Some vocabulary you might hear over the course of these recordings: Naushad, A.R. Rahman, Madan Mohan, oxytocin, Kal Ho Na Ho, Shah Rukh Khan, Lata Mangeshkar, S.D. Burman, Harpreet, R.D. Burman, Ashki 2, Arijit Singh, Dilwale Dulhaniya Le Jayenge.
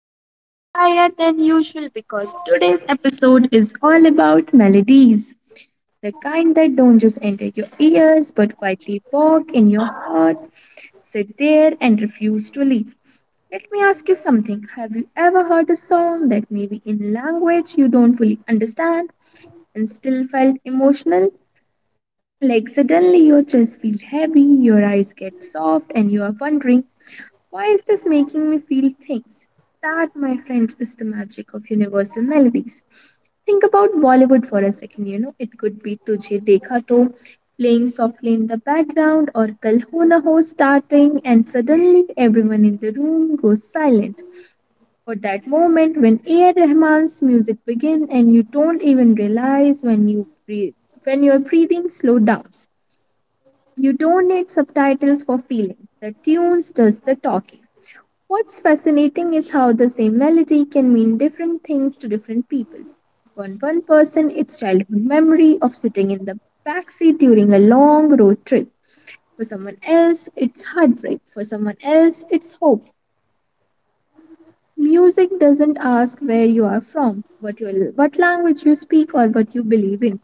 slightly higher than usual because today's episode is all about melodies. The kind that don't just enter your ears but quietly walk in your heart, sit there, and refuse to leave. Let me ask you something. Have you ever heard a song that maybe in language you don't fully understand and still felt emotional? Like suddenly your chest feels heavy, your eyes get soft, and you are wondering, why is this making me feel things? That, my friends, is the magic of universal melodies. Think about Bollywood for a second, it could be Tujhe Dekha To playing softly in the background or Kal Ho Na Ho starting, and suddenly everyone in the room goes silent. Or that moment when A.R. Rahman's music begins and you don't even realize when you breathe, when your breathing slows down. You don't need subtitles for feeling. The tunes does the talking. What's fascinating is how the same melody can mean different things to different people. For one person, it's childhood memory of sitting in the backseat during a long road trip. For someone else, it's heartbreak. For someone else, it's hope. Music doesn't ask where you are from, what language you speak, or what you believe in.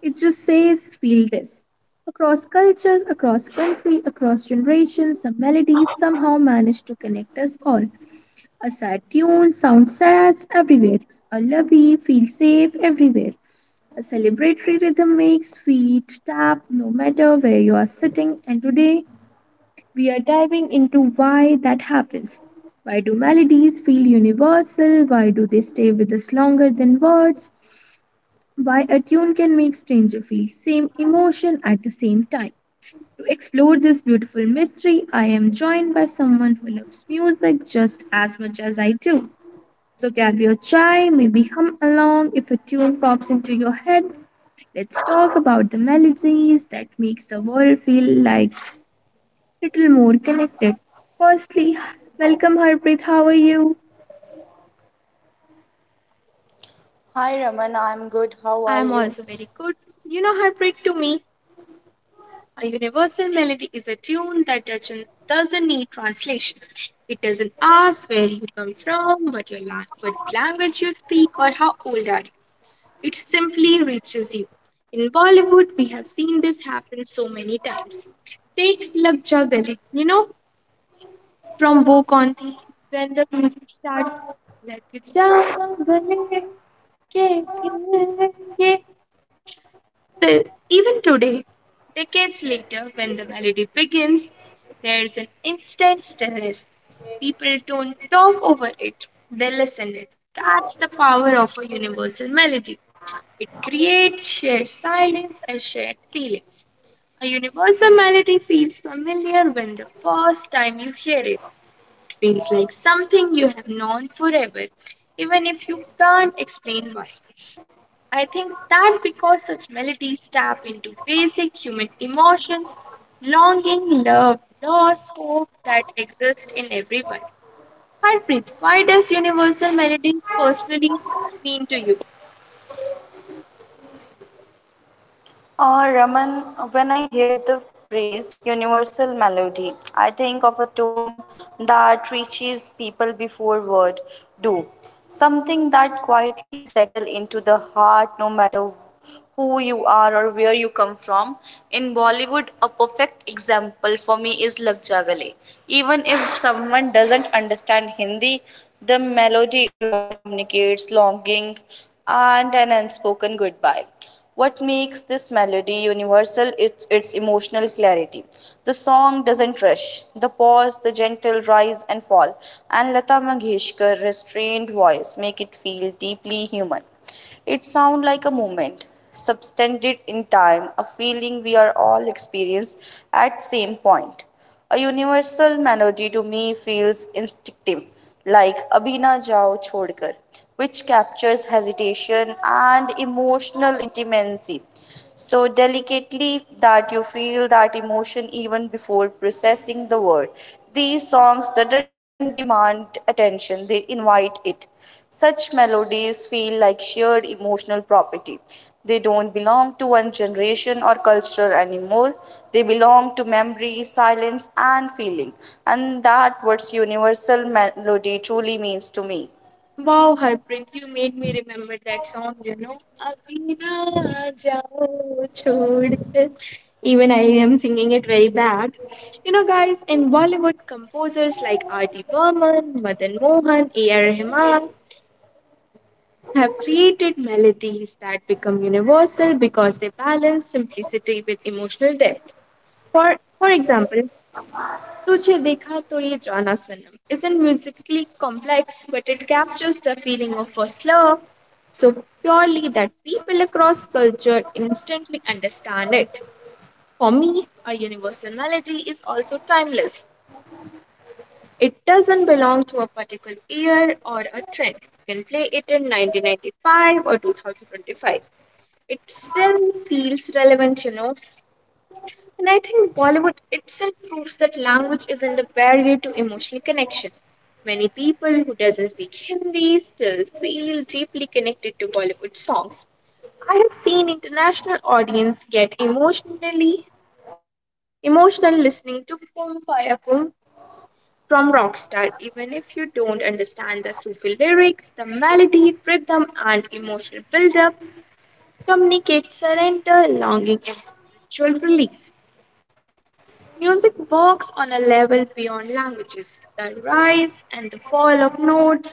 It just says, feel this. Across cultures, across country, across generations, some melodies somehow manage to connect us all. A sad tune sounds sad everywhere. A lovey feels safe everywhere. A celebratory rhythm makes feet tap no matter where you are sitting. And today we are diving into why that happens. Why do melodies feel universal? Why do they stay with us longer than words? Why a tune can make stranger feel same emotion at the same time. To explore this beautiful mystery, I am joined by someone who loves music just as much as I do. So grab your chai, maybe hum along if a tune pops into your head. Let's talk about the melodies that makes the world feel like little more connected. Firstly, welcome Harpreet, how are you? Hi Raman, I'm good. I am How are also very you? good. You know, Harpreet, to me, a universal melody is a tune that doesn't need translation. It doesn't ask where you come from, what language you speak, or how old are you. It simply reaches you. In Bollywood, we have seen this happen so many times. Take Lag Ja Gale, from Wo Kaun Thi, when the music starts, Lag Ja Gale, ke phir ye. Still, even today, decades later, when the melody begins, there's an instant stillness. People don't talk over it, they listen it. That's the power of a universal melody. It creates shared silence and shared feelings. A universal melody feels familiar when the first time you hear it feels like something you have known forever, even if you can't explain why. I think that because such melodies tap into basic human emotions, longing, love, loss, hope that exist in everyone. Harpreet, why does universal melodies personally mean to you? Raman, when I hear the phrase universal melody, I think of a tone that reaches people before word do. Something that quietly settle into the heart no matter who you are or where you come from. In Bollywood, a perfect example for me is Lag Ja Gale. Even if someone doesn't understand Hindi, the melody alone communicates longing and an unspoken goodbye. What makes this melody universal is its emotional clarity. The song doesn't rush. The pause, the gentle rise and fall, and Lata Mangeshkar's restrained voice make it feel deeply human. It sounds like a moment, subtended in time, a feeling we are all experienced at same point. A universal melody to me feels instinctive, like Abhina Jao Chodkar, which captures hesitation and emotional intimacy so delicately that you feel that emotion even before processing the word. These songs doesn't demand attention, they invite it. Such melodies feel like shared emotional property. They don't belong to one generation or culture anymore. They belong to memory, silence, and feeling. And that what universal melody truly means to me. Wow, Harpreet, you made me remember that song. "अभी ना जाओ छोड़कर." Even I am singing it very bad. Guys, in Bollywood, composers like R.D. Burman, Madan Mohan, A.R. Rahman have created melodies that become universal because they balance simplicity with emotional depth. For, for example, तुझे देखा तो ये Jana Sanam isn't musically complex, but it captures the feeling of first love so purely that people across culture instantly understand it. For me, a universal melody is also timeless. It doesn't belong to a particular year or a trend. You can play it in 1995 or 2025. It still feels relevant. And I think Bollywood itself proves that language isn't a barrier to emotional connection. Many people who doesn't speak Hindi still feel deeply connected to Bollywood songs. I have seen international audience get emotional listening to Kum Faya Kum from Rockstar, even if you don't understand the Sufi lyrics, the melody, rhythm, and emotional build-up communicate surrender, longing, and spiritual release. Music works on a level beyond languages. The rise and the fall of notes,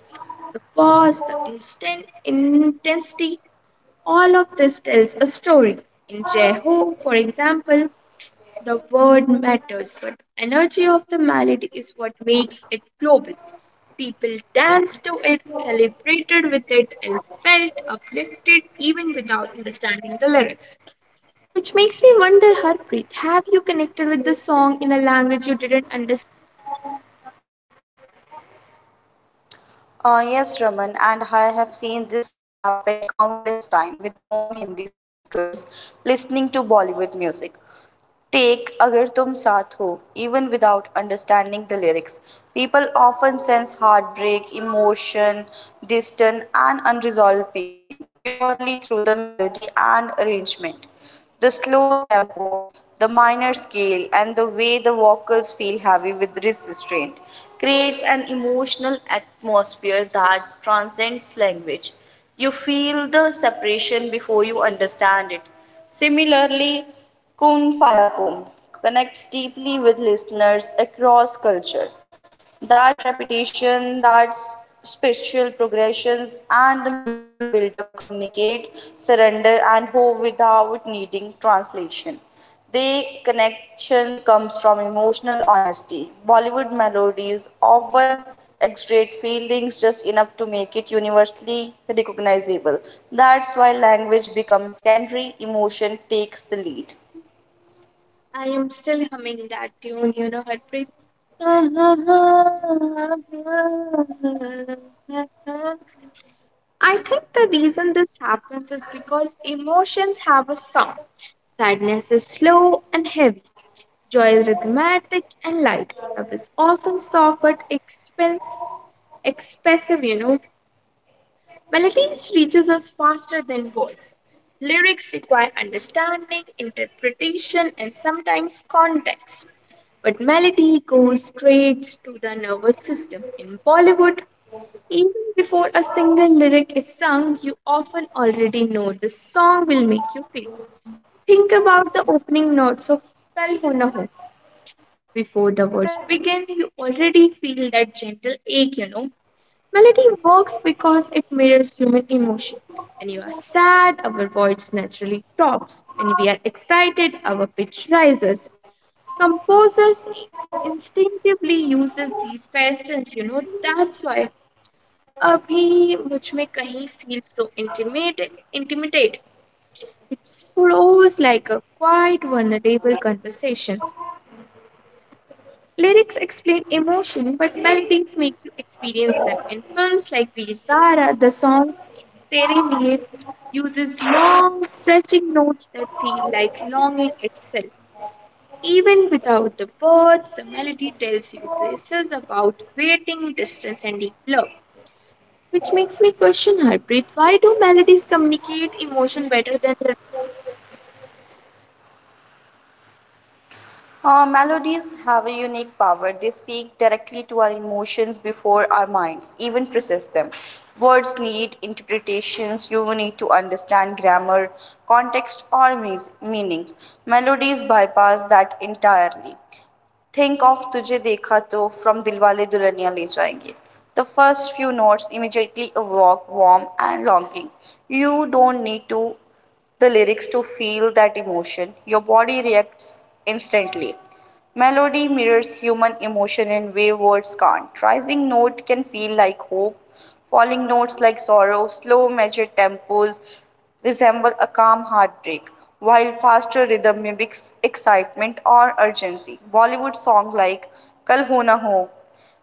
the pause, the instant intensity, all of this tells a story. In Jeho, for example, the word matters, but the energy of the melody is what makes it global. People danced to it, celebrated with it, and felt uplifted even without understanding the lyrics. Which makes me wonder, Harpreet, have you connected with the song in a language you didn't understand? Yes, Raman, and I have seen this happen countless times with non Hindi speakers listening to Bollywood music. Take Agar Tum Saath Ho, even without understanding the lyrics. People often sense heartbreak, emotion, distant, and unresolved pain purely through the melody and arrangement. The slow tempo, the minor scale, and the way the vocals feel heavy with restraint creates an emotional atmosphere that transcends language. You feel the separation before you understand it. Similarly, Kun Fayakun connects deeply with listeners across culture. That repetition, spiritual progressions, and the musical build-up communicate surrender and hope without needing translation. The connection comes from emotional honesty. Bollywood melodies often exaggerate feelings just enough to make it universally recognizable. That's why language becomes secondary, emotion takes the lead. Hmm, I am still humming that tune, Harpreet. I think the reason this happens is because emotions have a sound. Sadness is slow and heavy. Joy is rhythmatic and light. Love is often soft but expressive, you know. Melodies reaches us faster than words. Lyrics require understanding, interpretation, and sometimes context. But melody goes straight to the nervous system. In Bollywood, even before a single lyric is sung, you often already know the song will make you feel. Think about the opening notes of Kal Ho Na Ho. Before the words begin, you already feel that gentle ache. Melody works because it mirrors human emotion. When you are sad, our voice naturally drops. When we are excited, our pitch rises. Composers instinctively uses these patterns. That's why Abhi Mujhme Kahin feels so intimate, intimidate. It flows like a quiet, vulnerable conversation. Lyrics explain emotion, but melodies make you experience them. In films like Veer Zara, the song Serenade uses long, stretching notes that feel like longing itself. Even without the words, the melody tells you this is about waiting, distance, and deep love. Which makes me question, Harpreet, why do melodies communicate emotion better than lyrics? Melodies have a unique power. They speak directly to our emotions before our minds even process them. Words need interpretations. You need to understand grammar, context, or meaning. Melodies bypass that entirely. Think of Tujhe Dekha To from Dilwale Dulhaniya Le Jayenge. The first few notes immediately evoke warmth and longing. You don't need to the lyrics to feel that emotion. Your body reacts instantly. Melody mirrors human emotion in way words can't. Rising note can feel like hope, falling notes like sorrow, slow measured tempos resemble a calm heartbreak, while faster rhythm mimics excitement or urgency. Bollywood song like Kal Ho Na Ho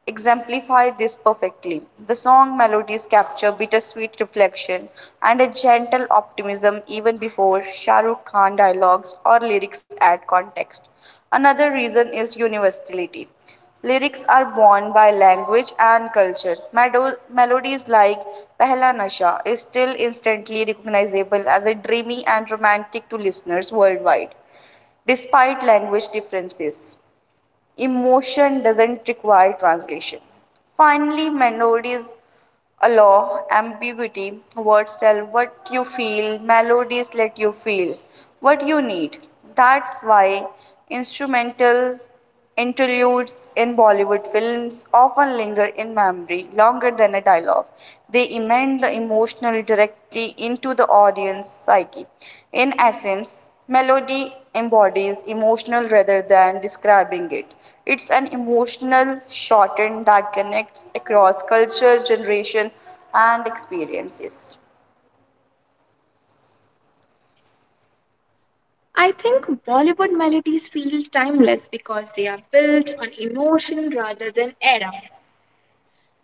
exemplify this perfectly. The song melodies capture bittersweet reflection and a gentle optimism even before Shah Rukh Khan dialogues or lyrics add context. Another reason is universality. Lyrics are born by language and culture. Melodies like Pehla Nasha is still instantly recognizable as a dreamy and romantic to listeners worldwide, despite language differences. Emotion doesn't require translation. Finally, melodies allow ambiguity. Words tell what you feel, melodies let you feel what you need. That's why instrumental interludes in Bollywood films often linger in memory longer than a dialogue. They embed the emotional directly into the audience psyche. In essence, melody embodies emotional rather than describing it. It's an emotional shorthand that connects across culture, generation, and experiences. I think Bollywood melodies feel timeless because they are built on emotion rather than era.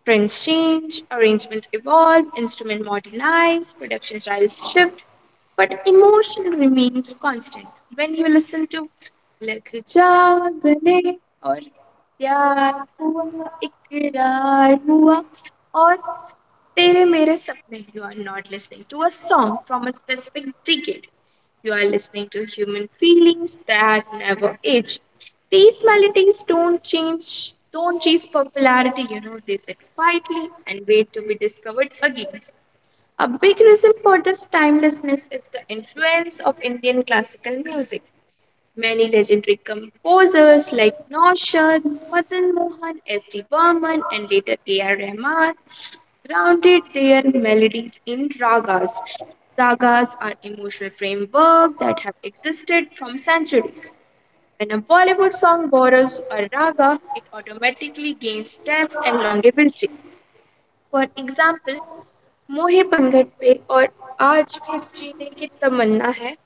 Trends change, arrangements evolve, instrument modernize, production styles shift, but emotion remains constant. When you listen to Lag Ja Gale or Pyar Hua Ikrar Hua or Tere Mere Sapne, you are not listening to a song from a specific decade. You are listening to human feelings that never age. These melodies don't change, don't chase popularity, they sit quietly and wait to be discovered again. A big reason for this timelessness is the influence of Indian classical music. Many legendary composers like Naushad, Madan Mohan, S. D. Burman, and later A. R. Rahman grounded their melodies in ragas. Ragas are emotional framework that have existed from centuries. When a Bollywood song borrows a raga, it automatically gains depth and longevity. For example, Mohi Pangat Pe or Aaj Phir Jeene Ki Tamanna Hai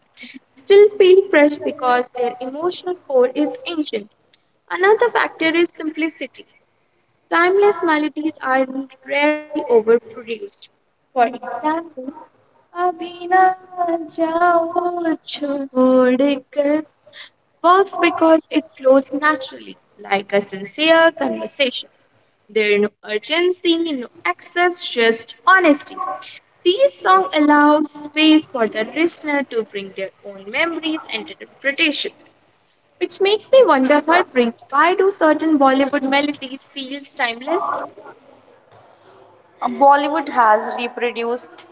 still feel fresh because their emotional core is ancient. Another factor is simplicity. Timeless melodies are rarely overproduced. For example, "अभी ना जाओ छोड़कर" works because it flows naturally, like a sincere conversation. There is no urgency, no excess, just honesty. These songs allow space for the listener to bring their own memories and interpretation, which makes me wonder, Harpreet, why do certain Bollywood melodies feel timeless? Bollywood has reproduced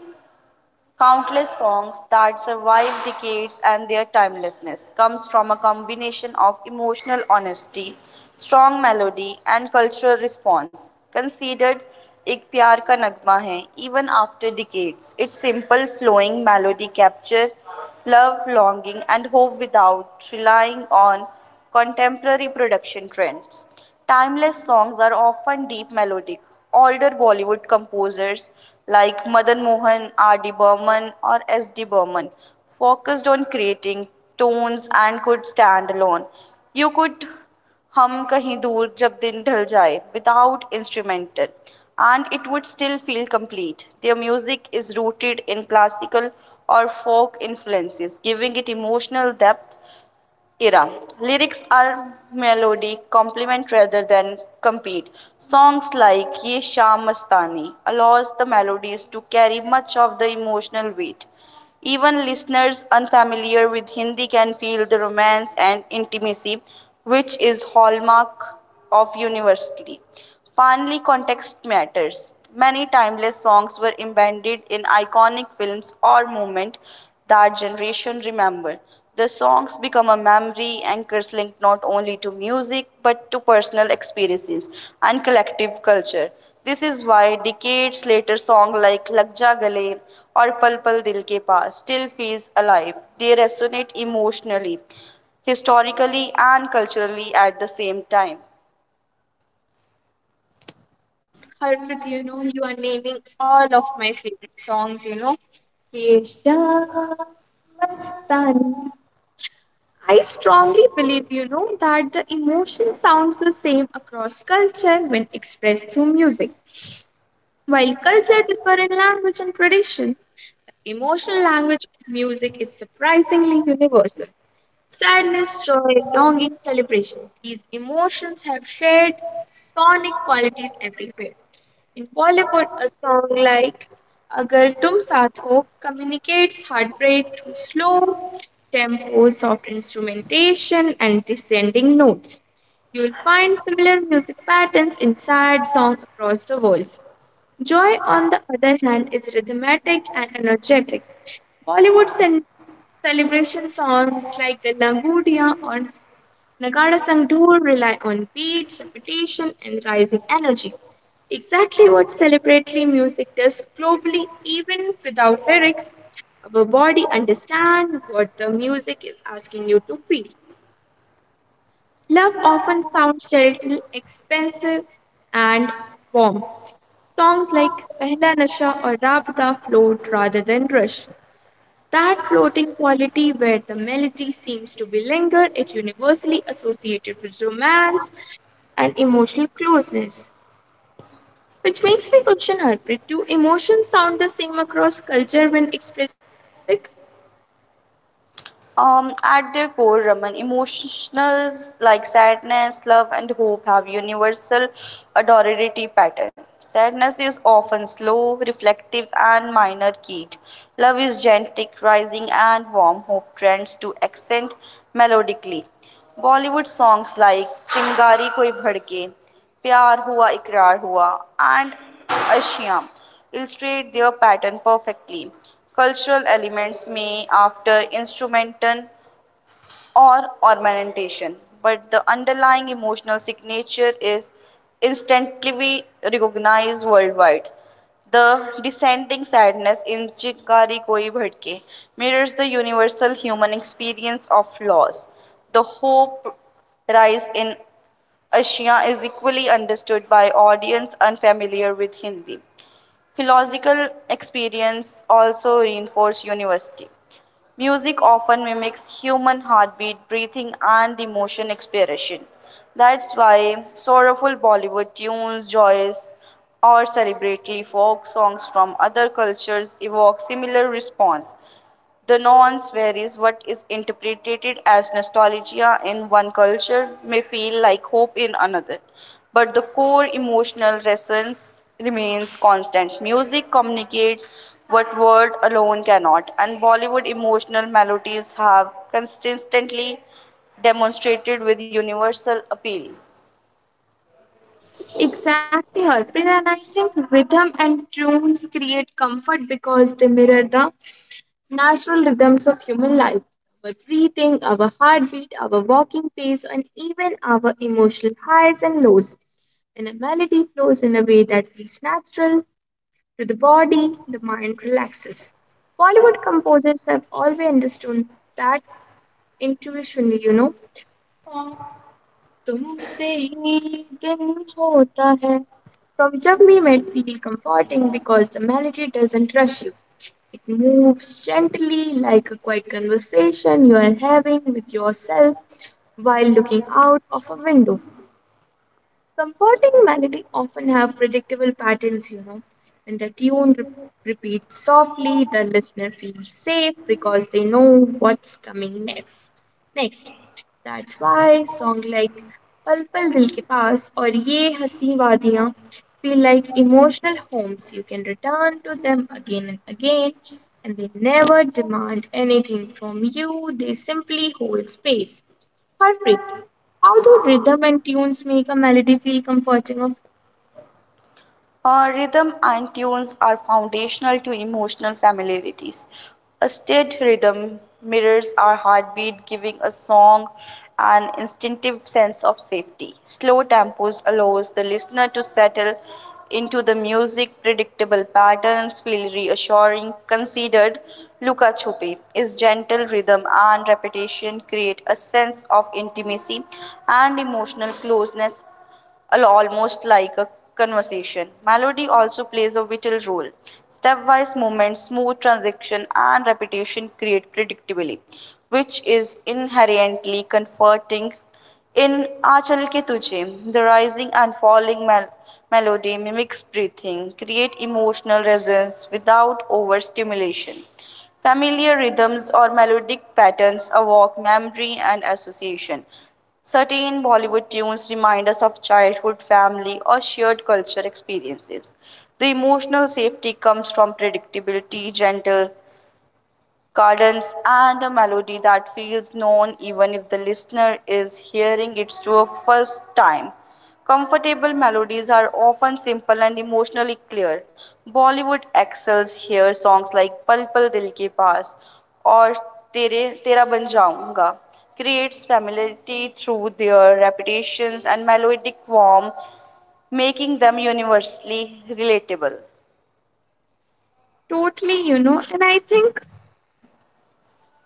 countless songs that survive decades and their timelessness comes from a combination of emotional honesty, strong melody and cultural response. Considered एक प्यार का नगमा है even after decades. Its simple flowing melody capture love, longing and hope without relying on contemporary production trends. Timeless songs are often deep melodic. Older Bollywood composers like Madan Mohan, R.D. Burman, or S.D. Burman focused on creating tones and could stand alone. You could hum Kahin Dur Jab Din ढल Jaye without instrumental, and it would still feel complete. Their music is rooted in classical or folk influences, giving it emotional depth era. Lyrics are melodic, complement rather than compete. Songs like Ye Sham Mastani allows the melodies to carry much of the emotional weight. Even listeners unfamiliar with Hindi can feel the romance and intimacy, which is hallmark of university. Finally, context matters. Many timeless songs were embedded in iconic films or moments that generation remember. The songs become a memory anchors linked not only to music but to personal experiences and collective culture. This is why decades later songs like Lag Ja Gale or Pal Pal Dil Ke Paas still feels alive. They resonate emotionally, historically and culturally at the same time. Harpreet, you are naming all of my favorite songs. Keshavastani. I strongly believe, that the emotion sounds the same across culture when expressed through music. While culture differ in language and tradition, the emotional language of music is surprisingly universal. Sadness, joy, longing, celebration. These emotions have shared sonic qualities everywhere. In Bollywood, a song like Agar Tum Saath Ho communicates heartbreak through slow tempo, soft instrumentation, and descending notes. You'll find similar music patterns in sad songs across the world. Joy, on the other hand, is rhythmic and energetic. Bollywood celebration songs like Galla Gudiya or Nagara Sangdur rely on beats, repetition, and rising energy. Exactly what celebratory music does globally, even without lyrics. Our body understands what the music is asking you to feel. Love often sounds gentle, expensive, and warm. Songs like Pehla Nasha or Rabda float rather than rush. That floating quality where the melody seems to be lingered is universally associated with romance and emotional closeness, which makes me question Harpreet. Do emotions sound the same across culture when expressed? Like, At their core, Raman, emotions like sadness, love, and hope have universal adorability pattern. Sadness is often slow, reflective, and minor keyed. Love is gentle, rising, and warm. Hope trends to accent melodically. Bollywood songs like Chingari Koi Bhadke प्यार हुआ इकरार हुआ and ashiyam illustrate their pattern perfectly cultural elements may after instrumental or ornamentation, but the underlying emotional signature is instantly recognized worldwide. The descending sadness in Chikari Koi Bhatke mirrors the universal human experience of loss. The hope rise in Asia is equally understood by audience unfamiliar with Hindi. Philosophical experience also reinforce university. Music often mimics human heartbeat, breathing, and emotion expression. That's why sorrowful Bollywood tunes, joys, or celebratory folk songs from other cultures evoke similar response. The nuance varies. What is interpreted as nostalgia in one culture may feel like hope in another, but the core emotional resonance remains constant. Music communicates what word alone cannot, and Bollywood emotional melodies have consistently demonstrated with universal appeal. exactly, Harpreet. And I think rhythm and tunes create comfort because they mirror the natural rhythms of human life, our breathing, our heartbeat, our walking pace, and even our emotional highs and lows. When a melody flows in a way that feels natural to the body, the mind relaxes. Bollywood composers have always understood that intuition. "और तुमसे ही दिन होता है." From Jab We Met feel comforting because the melody doesn't rush you. It moves gently like a quiet conversation you are having with yourself while looking out of a window. Comforting melody often have predictable patterns. When the tune repeats softly, the listener feels safe because they know what's coming next. Next, that's why songs like Pal Pal Dil Ke Paas or Ye Hasi Wadiyan feel like emotional homes. You can return to them again and again, and they never demand anything from you. They simply hold space. Harpreet, how do rhythm and tunes make a melody feel comforting or Rhythm and tunes are foundational to emotional familiarities. A steady rhythm mirrors our heartbeat, giving a song an instinctive sense of safety. Slow tempos allows the listener to settle into the music. Predictable patterns feel reassuring. Considered Luka Chupi is gentle rhythm and repetition create a sense of intimacy and emotional closeness almost like a conversation. Melody also plays a vital role. Stepwise movement, smooth transition, and repetition create predictability, which is inherently comforting. In Achal Ke Tujhe, the rising and falling melody mimics breathing, create emotional resonance without overstimulation familiar rhythms or melodic patterns evoke memory and association. Certain Bollywood tunes remind us of childhood, family, or shared culture experiences. The emotional safety comes from predictability, gentle gardens and a melody that feels known even if the listener is hearing it for the first time. Comfortable melodies are often simple and emotionally clear. Bollywood excels here songs like Pal Pal Dil Ke Paas or Tere, Tera Ban Jaunga creates familiarity through their repetitions and melodic form, making them universally relatable. totally, And I think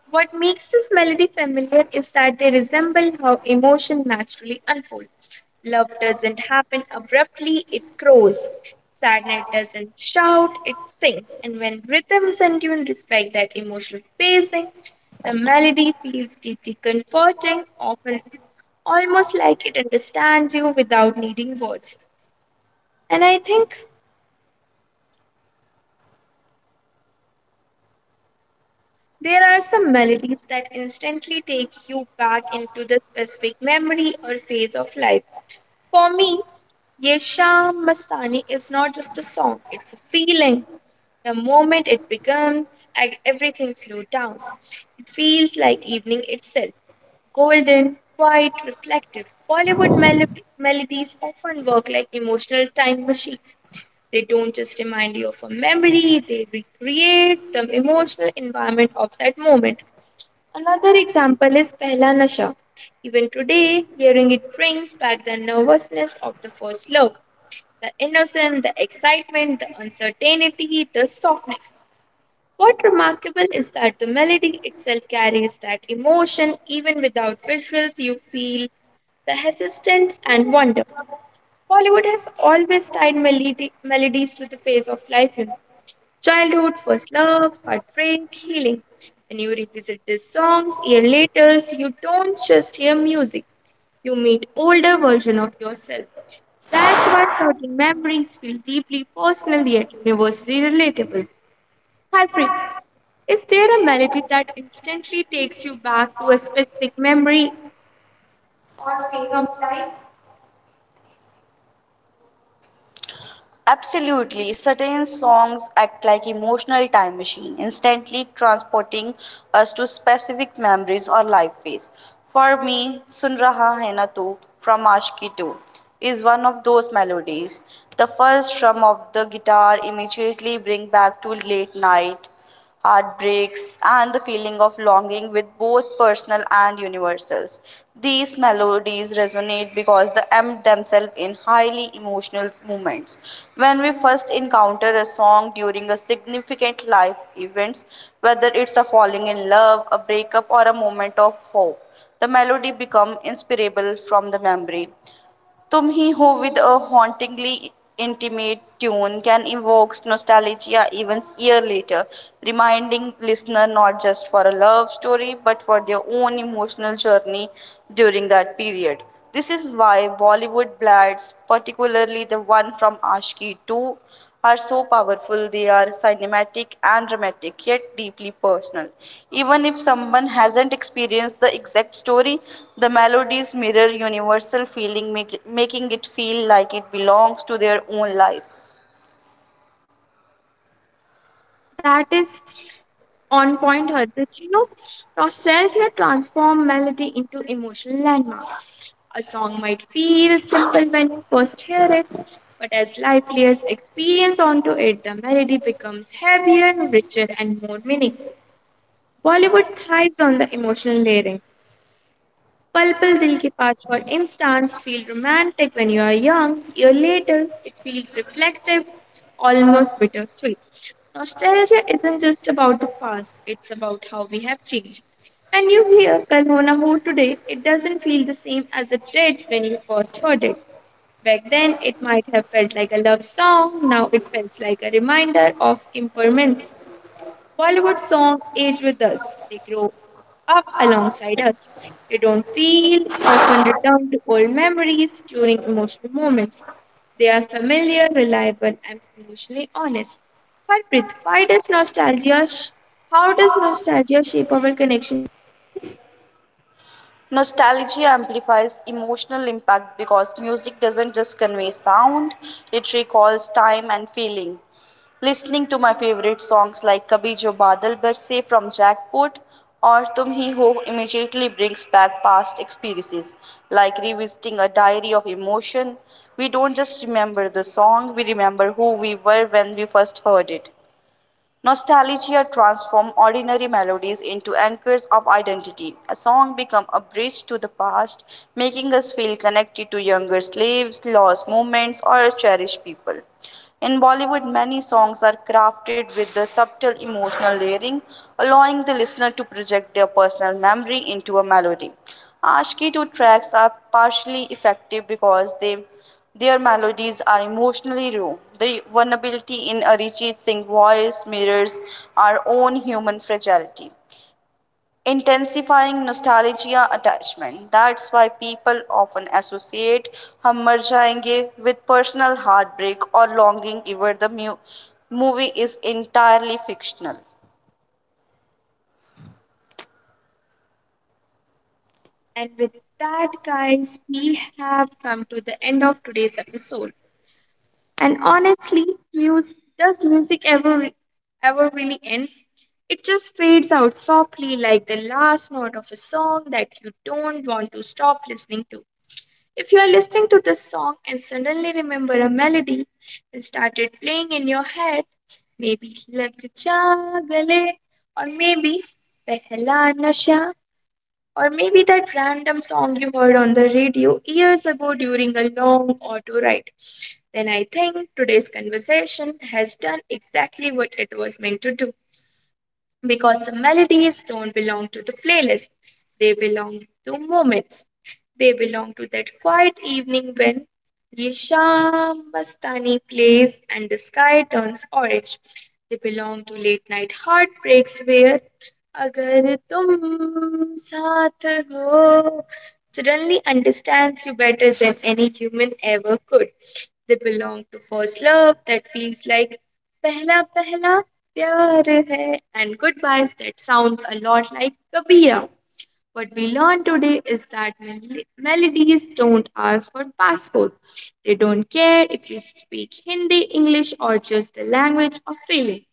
what makes this melody familiar is that they resemble how emotion naturally unfolds. Love doesn't happen abruptly, it grows. Sadness doesn't shout, it sings. And when rhythms and tune respect that emotional pacing, the melody feels deeply comforting, often almost like it understands you without needing words. And I think there are some melodies that instantly take you back into the specific memory or phase of life. For me, Ye Shyam Mastani is not just a song, it's a feeling. The moment it becomes, everything slows down. It feels like evening itself, golden, quiet, reflective. Bollywood melodies often work like emotional time machines. They don't just remind you of a memory, they recreate the emotional environment of that moment. Another example is Pehla Nasha. Even today, hearing it brings back the nervousness of the first love, the innocence, the excitement, the uncertainty, the softness. What remarkable is that the melody itself carries that emotion even without visuals, you feel the hesitance and wonder. Bollywood has always tied melody, melodies to the phase of life, childhood, first love, heartbreak, healing. When you revisit these songs year later, you don't just hear music, you meet older version of yourself. That's why certain memories feel deeply personal yet universally relatable. Harpreet, is there a melody that instantly takes you back to a specific memory? Absolutely. Certain songs act like emotional time machine, instantly transporting us to specific memories or life phase. For me, Sun Raha Hai Na Tu from Ashki 2 is one of those melodies. The first strum of the guitar immediately bring back to late night heartbreaks, and the feeling of longing with both personal and universals. These melodies resonate because they empt themselves in highly emotional moments. When we first encounter a song during a significant life event, whether it's a falling in love, a breakup, or a moment of hope, the melody becomes inspirable from the memory. Tum Hi Ho with a hauntingly intimate tune can evoke nostalgia even a year later, reminding listener not just for a love story but for their own emotional journey during that period. This is why Bollywood ballads, particularly the one from Ashki 2, are so powerful, they are cinematic and dramatic, yet deeply personal. Even if someone hasn't experienced the exact story, the melodies mirror universal feeling, make, making it feel like it belongs to their own life. That is on point, Harpreet. Nostalgia transforms melody into emotional landmarks. A song might feel simple when you first hear it, but as life layers experience onto it, the melody becomes heavier, richer, and more meaningful. Bollywood thrives on the emotional layering. Pal Pal Dil Ke Paas, for instance, feel romantic when you are young. Year later, it feels reflective, almost bittersweet. Nostalgia isn't just about the past, it's about how we have changed. When you hear Kal Ho Na Ho today, it doesn't feel the same as it did when you first heard it. Back then, it might have felt like a love song. Now it feels like a reminder of impermanence. Bollywood songs age with us. They grow up alongside us. They don't feel, often return to old memories during emotional moments. They are familiar, reliable, and emotionally honest. Harpreet, why does how does nostalgia shape our connection? Nostalgia amplifies emotional impact because music doesn't just convey sound, it recalls time and feeling. Listening to my favorite songs like Kabhi Jo Badal Barse from Jackpot or Tum Hi Ho immediately brings back past experiences, like revisiting a diary of emotion. We don't just remember the song, we remember who we were when we first heard it. Nostalgia transforms ordinary melodies into anchors of identity. A song becomes a bridge to the past, making us feel connected to younger slaves, lost moments, or cherished people. In Bollywood, many songs are crafted with the subtle emotional layering, allowing the listener to project their personal memory into a melody. Ashki 2 tracks are partially effective because they their melodies are emotionally raw. The vulnerability in Arijit Singh's voice mirrors our own human fragility, intensifying nostalgia attachment. That's why people often associate Hum Mar Jayenge with personal heartbreak or longing, even the movie is entirely fictional. And with that, guys, we have come to the end of today's episode. And honestly, muse, does music ever really end? It just fades out softly like the last note of a song that you don't want to stop listening to. If you are listening to this song and suddenly remember a melody and started playing in your head, maybe Lag Ja Gale, or maybe Pehla Nasha, or maybe that random song you heard on the radio years ago during a long auto ride, then I think today's conversation has done exactly what it was meant to do because the melodies don't belong to the playlist. They belong to moments. They belong to that quiet evening when Ye Sham Mastani plays and the sky turns orange. They belong to late night heartbreaks where Agar Tum Saath Ho suddenly understands you better than any human ever could. They belong to first love that feels like Pehla Pehla Pyar Hai and goodbyes that sounds a lot like Kabira. What we learned today is that melodies don't ask for passport. They don't care if you speak Hindi, English, or just the language of feeling.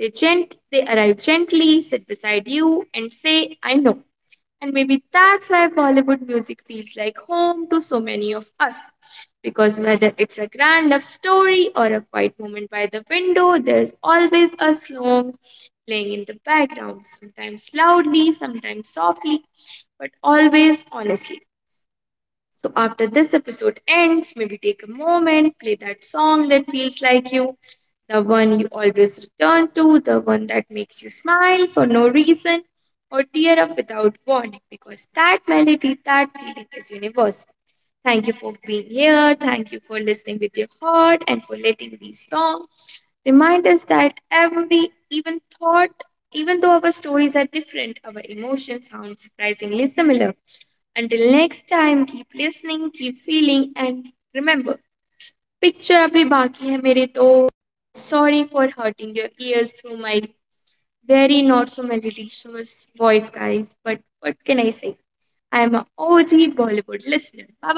They arrive gently, sit beside you, and say, "I know." And maybe that's why Bollywood music feels like home to so many of us. Because whether it's a grand love story or a quiet moment by the window, there's always a song playing in the background, sometimes loudly, sometimes softly, but always honestly. So after this episode ends, maybe take a moment, play that song that feels like you, the one you always return to, the one that makes you smile for no reason or tear up without warning because that melody, that feeling is universal. Thank you for being here. Thank you for listening with your heart and for letting these songs remind us that every even thought, even though our stories are different, our emotions sound surprisingly similar. Until next time, keep listening, keep feeling, and remember, picture abhi baki hai mere to. Sorry for hurting your ears through my very not so melodious voice, guys. But what can I say? I am an OG Bollywood listener. Bye bye.